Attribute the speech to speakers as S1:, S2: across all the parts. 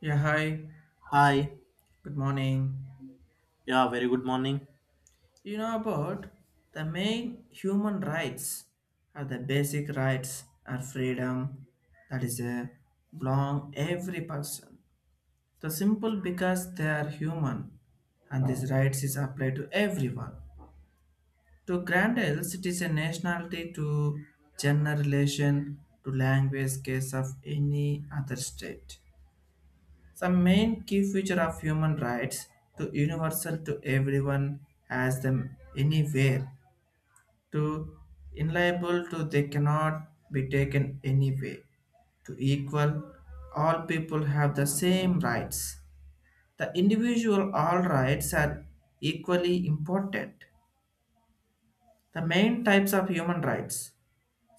S1: Yeah, hi.
S2: Hi.
S1: Good morning.
S2: Yeah, very good morning.
S1: You know about the main human rights are the basic rights are freedom that is a belong every person. The simple because they are human and these rights is applied to everyone. To grant else it is a nationality to gender relation to language case of any other state. The main key feature of human rights to universal to everyone has them anywhere to inliable to they cannot be taken anyway to equal all people have the same rights, the individual all rights are equally important. The main types of human rights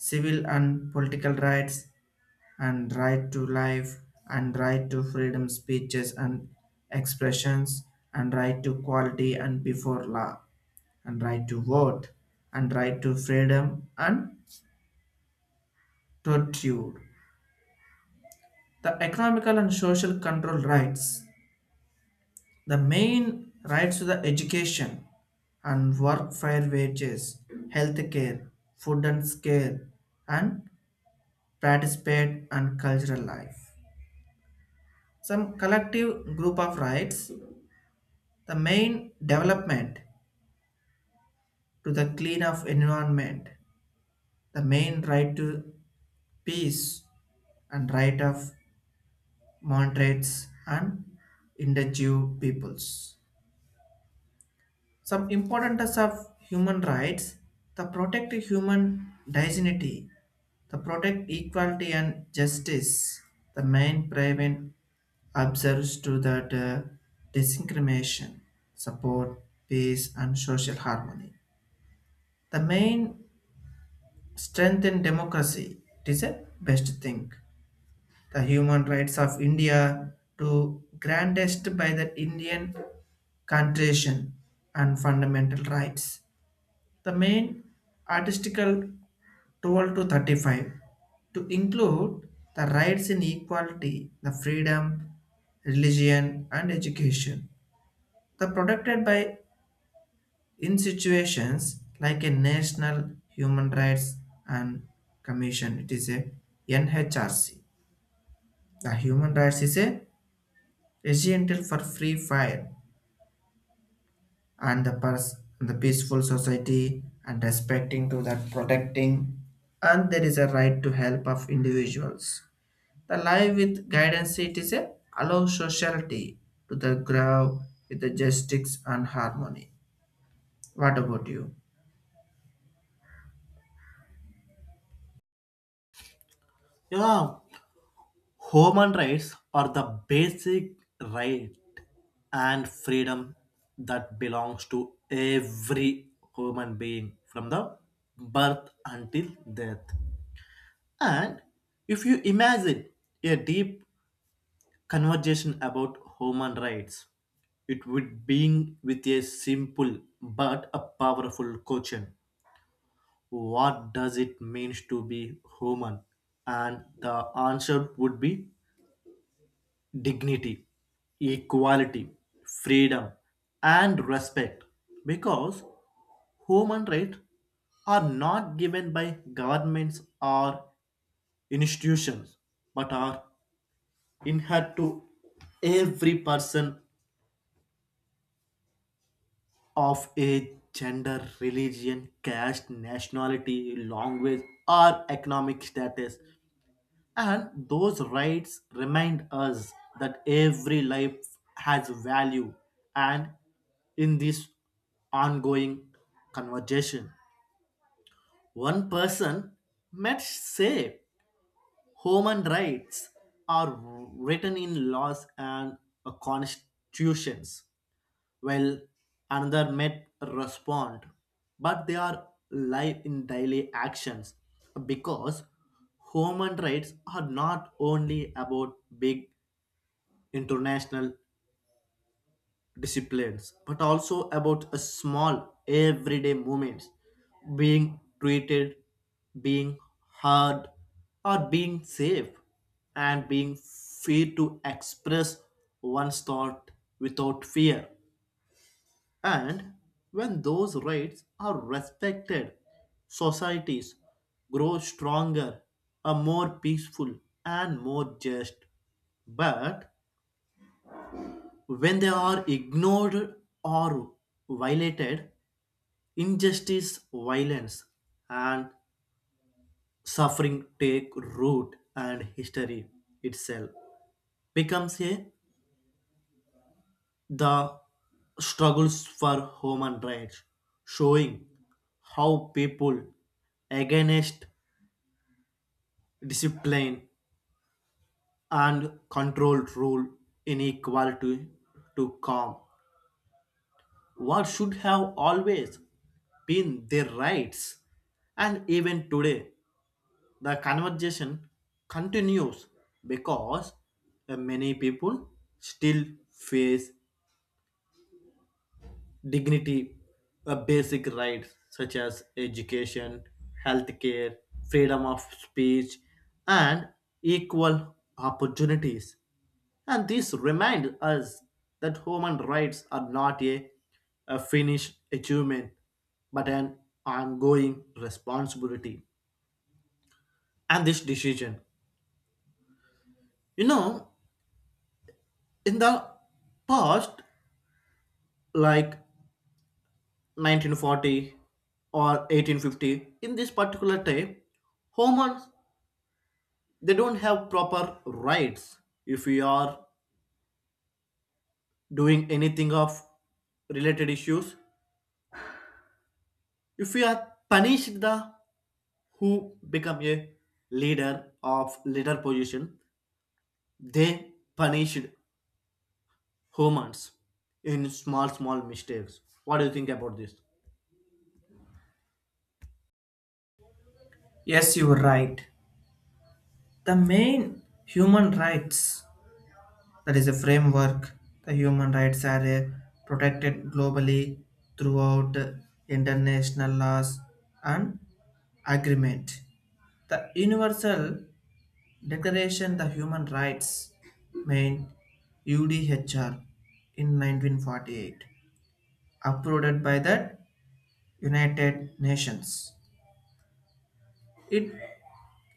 S1: civil and political rights and right to life and right to freedom speeches and expressions and right to quality and before law and right to vote and right to freedom and torture. The economical and social control rights, the main rights to the education and work fair wages, health care, food and care and participate and cultural life, some collective group of rights. The main development to the clean of environment, the main right to peace and right of moderates and indigenous peoples. Some importance of human rights, the protect human dignity, the protect equality and justice, the main prevent observes to that discrimination, support peace and social harmony. The main strengthen democracy. It is a best thing. The human rights of India to grandest by the Indian Constitution and fundamental rights. The main article 12 to 35 to include the rights in equality, the freedom, religion and education. The protected by in situations like a national human rights and commission it is a NHRC. The human rights is a essential for free fire and the the peaceful society and respecting to that protecting, and there is a right to help of individuals, the life with guidance it is a allow society to the grow with the justice and harmony. What about you?
S2: Yeah, human rights are the basic right and freedom that belongs to every human being from the birth until death. And if you imagine a deep conversation about human rights, it would begin with a simple but a powerful question. What does it mean to be human? And the answer would be dignity, equality, freedom, and respect. Because human rights are not given by governments or institutions, but are inherent to every person of age, gender, religion, caste, nationality, language, or economic status. And those rights remind us that every life has value. And in this ongoing conversation, one person might say human rights are written in laws and constitutions. Well, another may respond, but they are live in daily actions because human rights are not only about big international disciplines but also about a small everyday moments being treated, being heard, or being safe and being free to express one's thought without fear. And when those rights are respected, societies grow stronger, are more peaceful, and more just. But when they are ignored or violated, injustice, violence, and suffering take root, and history itself becomes a the struggles for human rights, showing how people against discipline and controlled rule inequality to come. What should have always been their rights, and even today, the conversation continues because many people still face dignity, a basic rights such as education, healthcare, freedom of speech, and equal opportunities. And this remind us that human rights are not a finished achievement, but an ongoing responsibility. And this decision, you know, in the past, like 1940 or 1850, in this particular time, humans they don't have proper rights if we are doing anything of related issues if we are punished the who become a leader of leader position they punished humans in small small mistakes. What do you think about this?
S1: Yes, you are right. The main human rights that is a framework. The human rights are protected globally throughout international laws and agreement. The universal declaration of human rights main UDHR in 1948 approved by the United Nations. It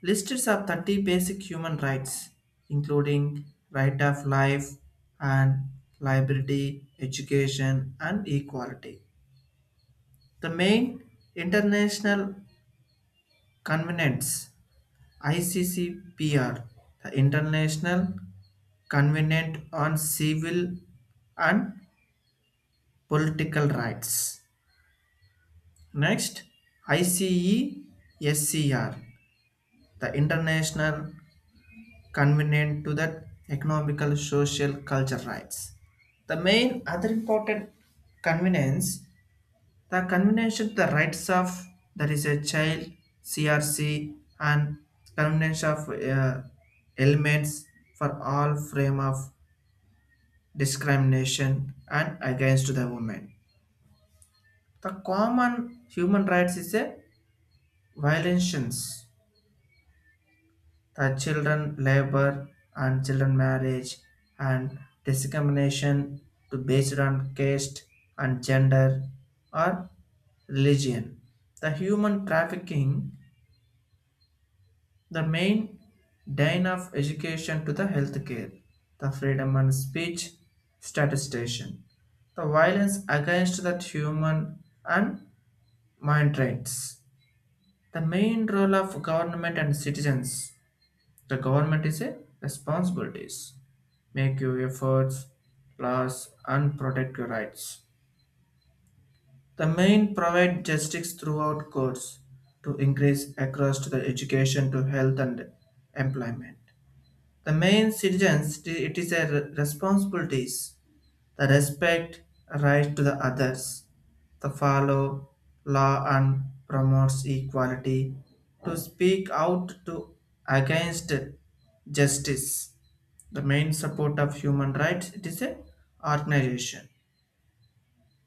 S1: lists of 30 basic human rights, including right of life and liberty, education, and equality. The main international covenants ICCPR, the International Covenant on Civil and Political Rights. Next, ICESCR, the International convenient to that economical, social, cultural rights. The main other important convenience, the convenience of the rights of there is a child, CRC and convenience of elements for all frame of discrimination and against the women. The common human rights is a violations, children labor and children marriage and discrimination to based on caste and gender or religion. The human trafficking, the main dine of education to the healthcare, the freedom and speech statistician, the violence against that human and mind rights. The main role of government and citizens, the government is a responsibilities, make your efforts, laws, and protect your rights. The main provide justice throughout courts to increase across to the education to health and employment. The main citizens it is a responsibilities, the respect right to the others, the follow law and promotes equality to speak out to against justice. The main support of human rights it is a organization.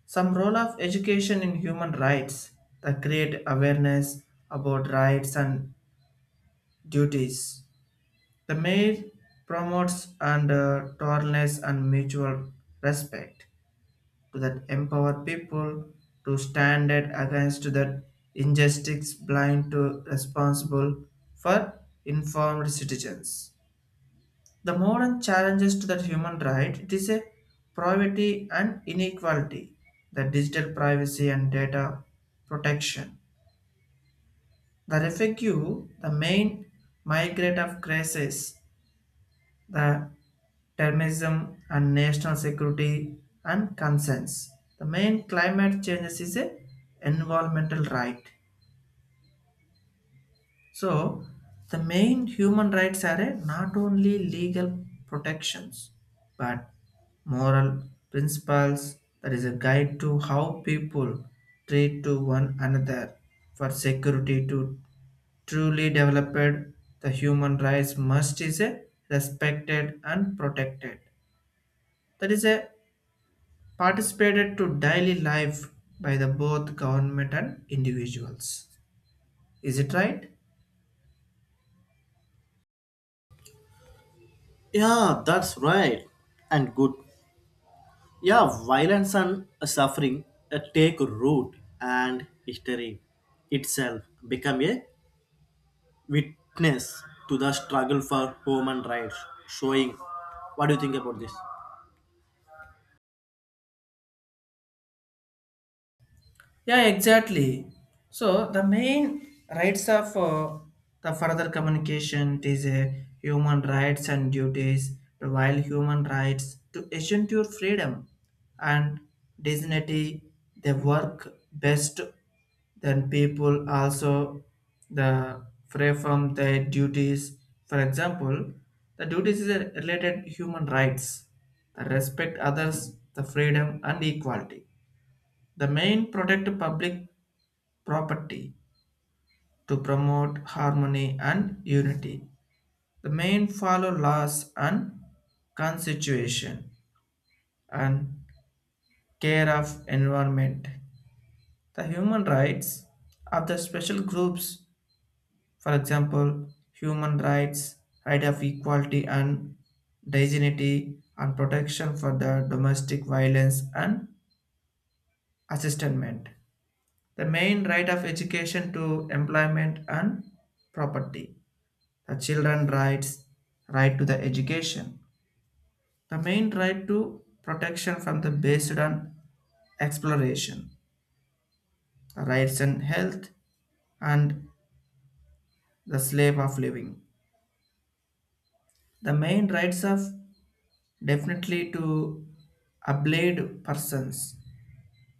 S1: Some role of education in human rights that create awareness about rights and duties, the mayor promotes and tolerance and mutual respect to that empower people to stand out against that injustice, blind to responsible for informed citizens. The modern challenges to the human right it is a privacy and inequality, the digital privacy and data protection. The refugee, the main migrant of crisis, the terrorism and national security and concerns. The main climate changes is a environmental right. So, the main human rights are a not only legal protections but moral principles that is a guide to how people treat to one another for security to truly developed. The human rights must is a respected and protected, that is a participated to daily life by the both government and individuals. Is it right?
S2: Yeah, that's right and good. Yeah, violence and suffering take root and history itself become a witness to the struggle for human rights showing. What do you think about this?
S1: Yeah, exactly. So the main rights of the further communication it is human rights and duties. While human rights to ensure freedom and dignity, they work best then people also the free from their duties. For example, the duties is a related human rights, the respect others, the freedom and equality. The main protect public property to promote harmony and unity. The main follow laws and constitution and care of environment. The human rights of the special groups, for example, human rights, right of equality and dignity and protection for the domestic violence and assistance. The main right of education to employment and property. The children rights right to the education, the main right to protection from the based on exploration, the rights and health and the slave of living, the main rights of definitely to ablaid persons,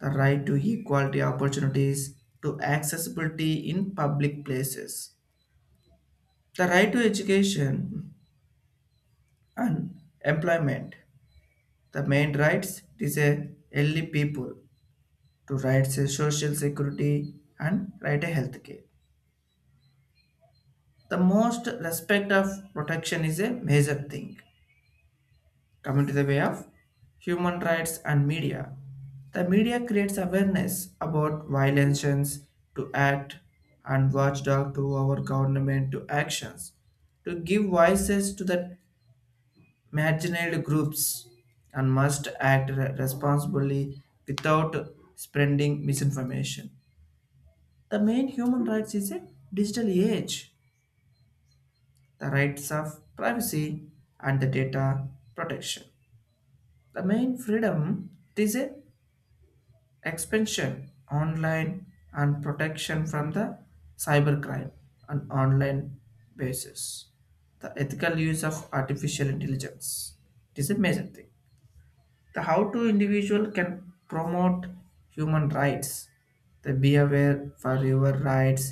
S1: the right to equality opportunities to accessibility in public places, the right to education and employment. The main rights it is a early people to rights a social security and right a health care. The most respect of protection is a major thing. Coming to the way of human rights and media. The media creates awareness about violations to act and watchdog to our government to actions to give voices to the marginalized groups and must act responsibly without spreading misinformation. The main human rights is a digital age, the rights of privacy and the data protection. The main freedom is a expansion online and protection from the cybercrime on online basis. The ethical use of artificial intelligence. It is a major thing. The how to individual can promote human rights, the be aware for your rights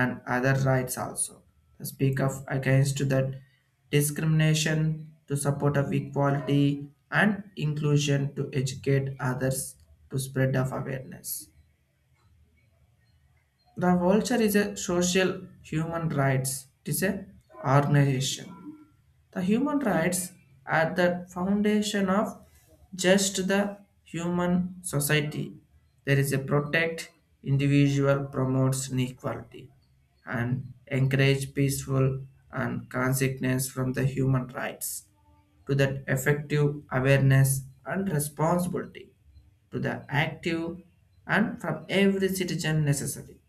S1: and other rights also, the speak of against that discrimination to support of equality and inclusion to educate others to spread of awareness, the vulture is a social human rights it is a organization. The human rights are the foundation of just the human society. There is a protect individual promotes inequality and encourage peaceful and consequence from the human rights to that effective awareness and responsibility to the active and from every citizen necessary.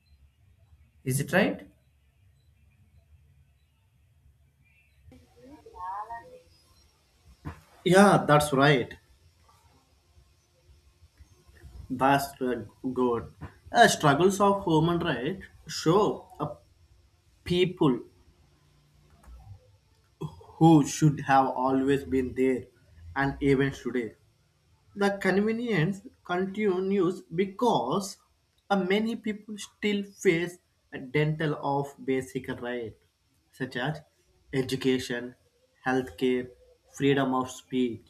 S1: Is it right?
S2: Yeah, that's right. That's good. Struggles of human rights show a people who should have always been there, and even today the convenience continues because many people still face a dental of basic right, such as education, healthcare, freedom of speech.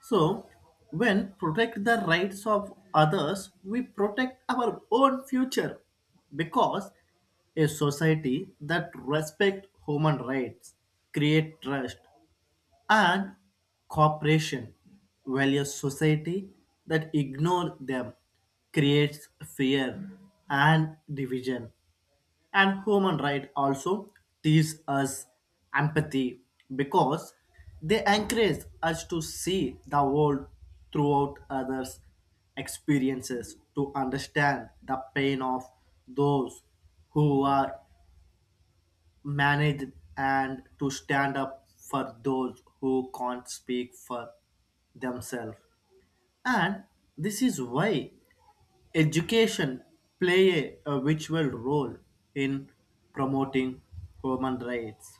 S2: So, when protect the rights of others, we protect our own future because a society that respect human rights create trust and cooperation while a society that ignores them creates fear and division and human rights also teach us empathy because they encourage us to see the world throughout others experiences to understand the pain of those who are manage and to stand up for those who can't speak for themselves. And this is why education play a vital role in promoting human rights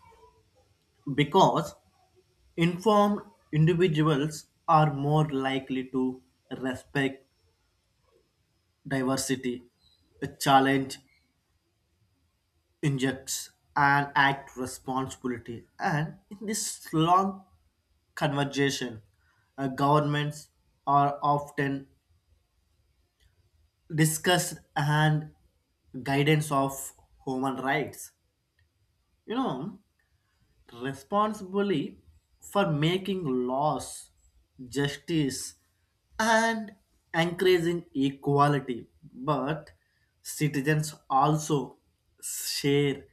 S2: because informed individuals are more likely to respect diversity, challenge injects and act responsibility and in this long conversation. Governments are often discussed and guidance of human rights. You know, responsibly for making laws, justice, and encouraging equality. But citizens also share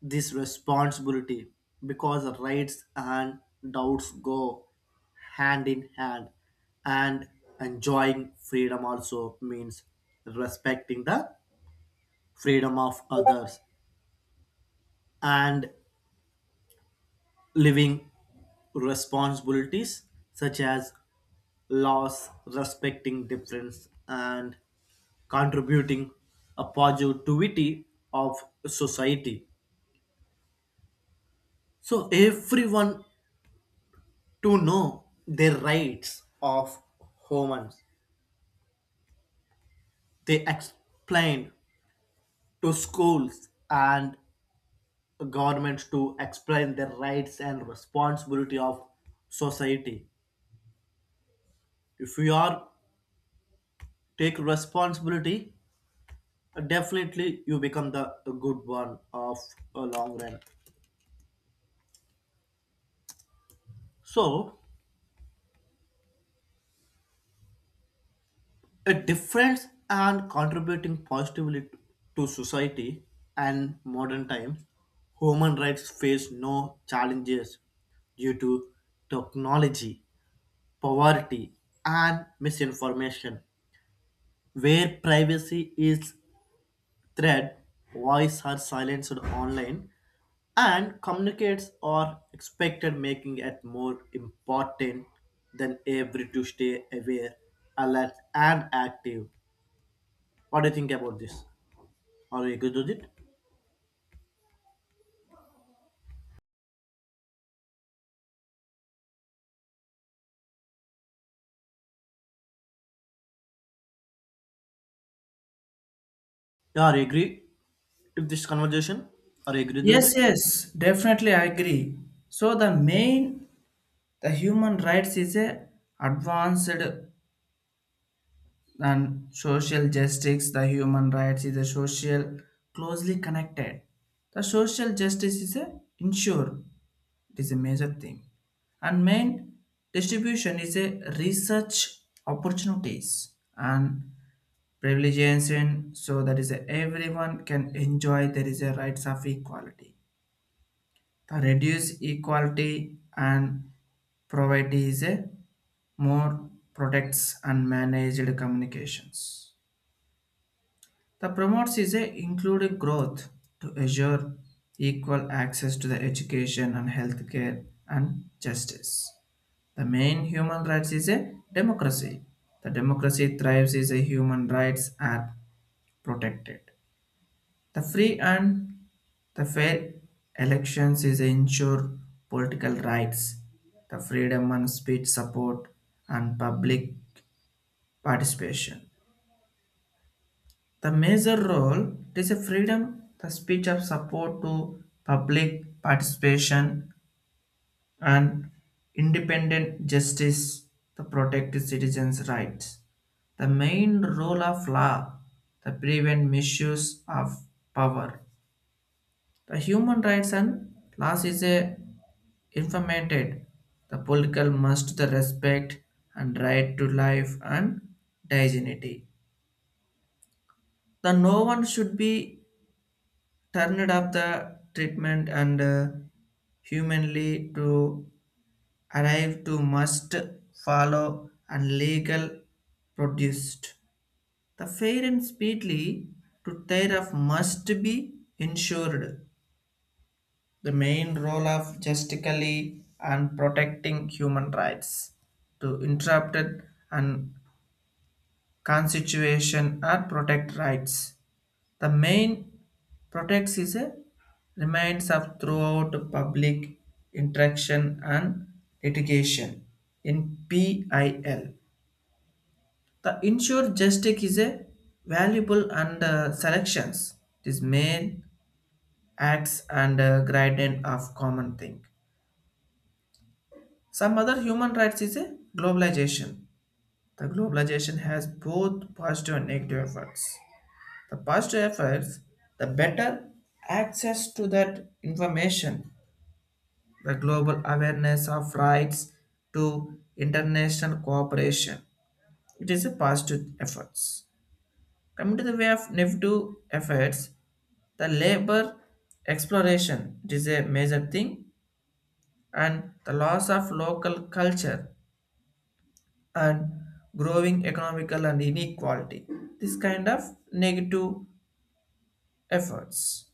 S2: this responsibility because rights and doubts go hand in hand, and enjoying freedom also means respecting the freedom of others and living responsibilities such as laws respecting difference and contributing a positivity of society so everyone to know their rights of humans they explain to schools and governments to explain their rights and responsibility of society if we are take responsibility definitely you become the good one of a long run. So a difference and contributing positively to society and modern times human rights face no challenges due to technology poverty and misinformation where privacy is thread voice are silenced online and communicates are expected making it more important than ever to stay aware alert and active. What do you think about this? Are you agree with it? Yeah, I agree with this conversation. Are you agree with it?
S1: Yes, yes, definitely I agree. So the main the human rights is a advanced and social justice. The human rights is a social closely connected. The social justice is a ensure. It is a major thing. And main distribution is a research opportunities and privileges in so that is a everyone can enjoy there is a rights of equality. The reduce equality and poverty is a more protects unmanaged communications. The promotes is a included growth to assure equal access to the education and healthcare and justice. The main human rights is a democracy. The democracy thrives is a human rights are protected. The free and the fair elections is ensure political rights, the freedom and speech support and public participation. The major role it is a freedom, the speech of support to public participation and independent justice to protect citizens' rights. The main role of law to prevent misuse of power. The human rights and laws is a informated. The political must the respect and right to life and dignity. The no one should be turned up the treatment and humanly to arrive to must follow and legal produced. The fair and speedily to tear off must be ensured. The main role of justically and protecting human rights to interrupt and constitution and protect rights. The main protects is a remains of throughout public interaction and litigation in PIL. The insured justice is a valuable and selections. This main acts and gradient of common thing. Some other human rights is a globalization. The globalization has both positive and negative effects. The faster efforts, the better access to that information, the global awareness of rights to international cooperation. It is a positive efforts. Coming to the way of negative efforts, the labor exploration it is a major thing and the loss of local culture and growing economical and inequality. This kind of negative efforts.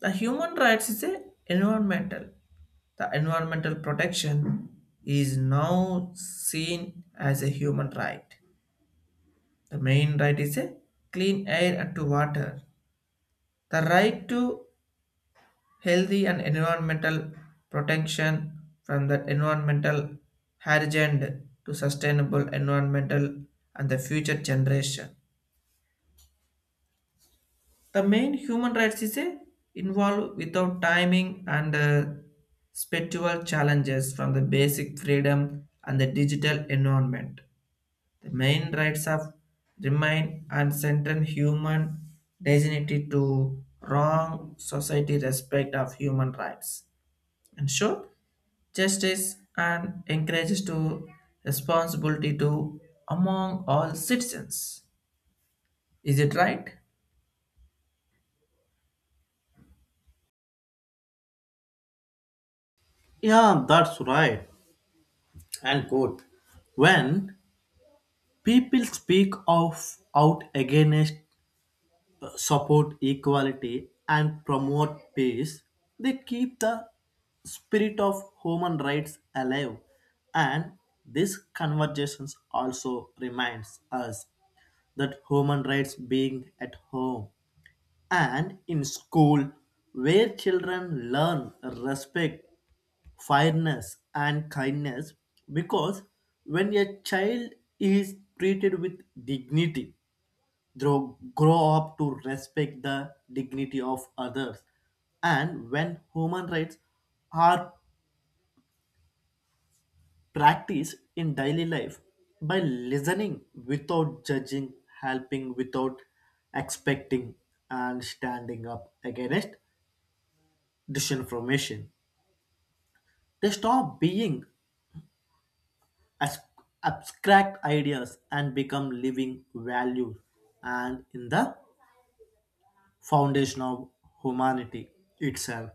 S1: The human rights is a environmental. The environmental protection is now seen as a human right. The main right is a clean air and to water. The right to healthy and environmental protection from the environmental hazard to sustainable environmental and the future generation. The main human rights is a involve without timing and spiritual challenges from the basic freedom and the digital environment. The main rights of remain and central human dignity to wrong society respect of human rights. Ensure justice and encourages to responsibility to among all citizens. Is it right?
S2: Yeah, that's right and good. When people speak of out against support equality and promote peace, they keep the spirit of human rights alive. And these conversations also reminds us that human rights being at home and in school where children learn respect fairness and kindness because when a child is treated with dignity grow up to respect the dignity of others. And when human rights are practiced in daily life by listening without judging, helping without expecting, and standing up against disinformation, they stop being as abstract ideas and become living values. And in the foundation of humanity itself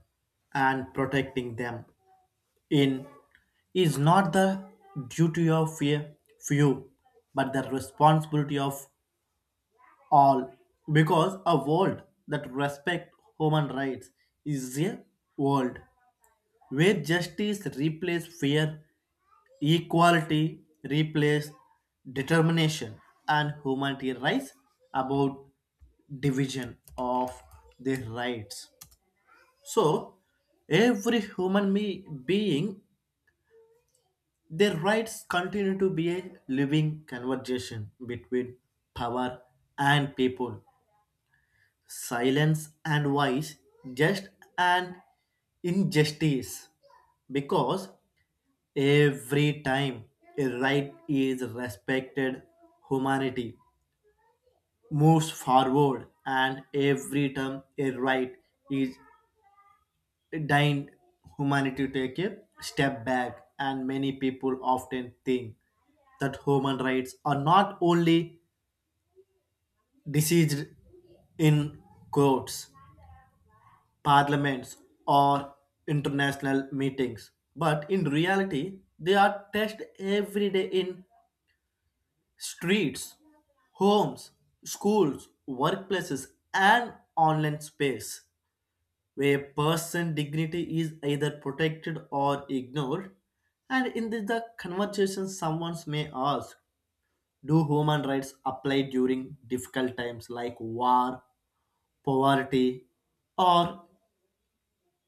S2: and protecting them in is not the duty of a few but the responsibility of all because a world that respects human rights is a world where justice replaces fear equality replaces determination and humanity rise about division of their rights so every being, their rights continue to be a living conversation between power and people, silence and voice, just and injustice. Because every time a right is respected, humanity moves forward, and every time a right is deigned humanity to take a step back, and many people often think that human rights are not only decided in courts, parliaments, or international meetings, but in reality, they are tested every day in streets, homes, schools, workplaces, and online space, where person dignity is either protected or ignored. And in the conversation, someone may ask, do human rights apply during difficult times like war, poverty, or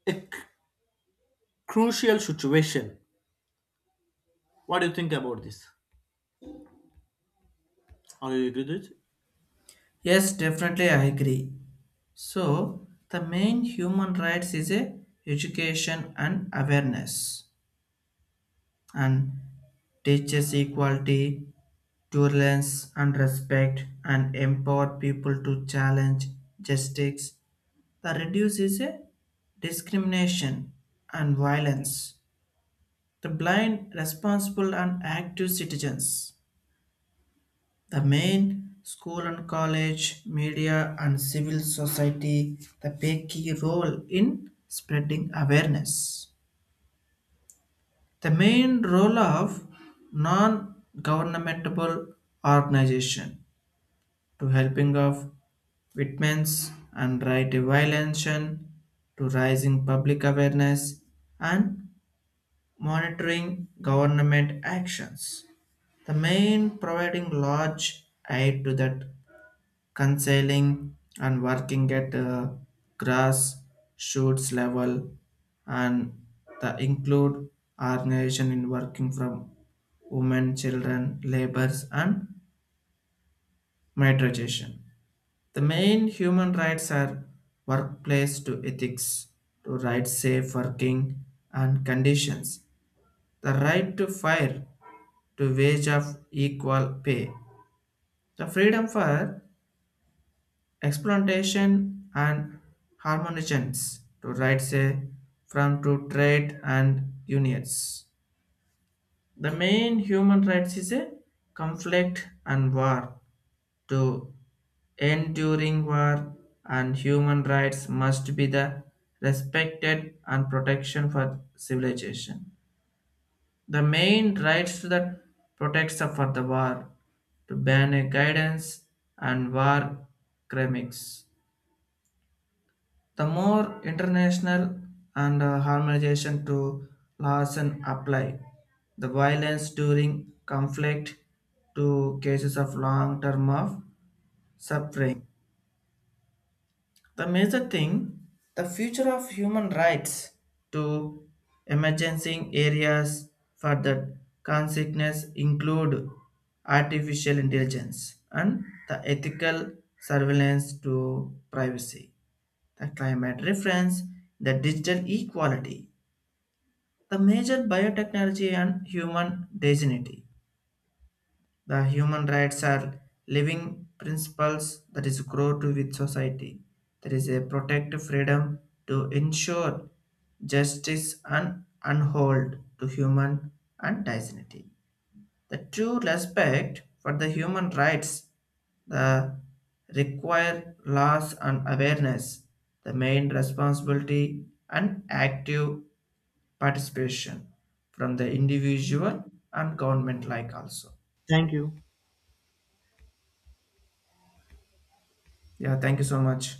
S2: a c- crucial situation? What do you think about this? Are you agree with it?
S1: Yes, definitely I agree. So the main human rights is a education and awareness and teaches equality, tolerance and respect and empower people to challenge justice. The reduce is a discrimination and violence. The blind, responsible and active citizens. The main school and college, media and civil society they play key role in spreading awareness. The main role of non-governmental organization to helping of victims and right to violence to raising public awareness and monitoring government actions. The main providing large aid to that counseling and working at a grass shoots level and the include organization in working from women, children, labors and migration. The main human rights are workplace to ethics, to right safe working and conditions, the right to fire, to wage of equal pay, the freedom for exploitation and harmonizations to rights a from to trade and unions. The main human rights is a conflict and war. To end during war and human rights must be the respected and protection for civilization. The main rights that protects for the war to ban a guidance and war crimes. The more international and harmonization to laws and apply, the violence during conflict to cases of long term of suffering. The major thing, the future of human rights to emergency areas for the consciousness include artificial intelligence and the ethical surveillance to privacy, the climate reference, the digital equality, the major biotechnology and human dignity. The human rights are living principles that is grow to with society. There is a protective freedom to ensure justice and unhold to human and dignity. The true respect for the human rights the require laws and awareness, the main responsibility and active participation from the individual and government like also.
S2: Thank you.
S1: Yeah, thank you so much.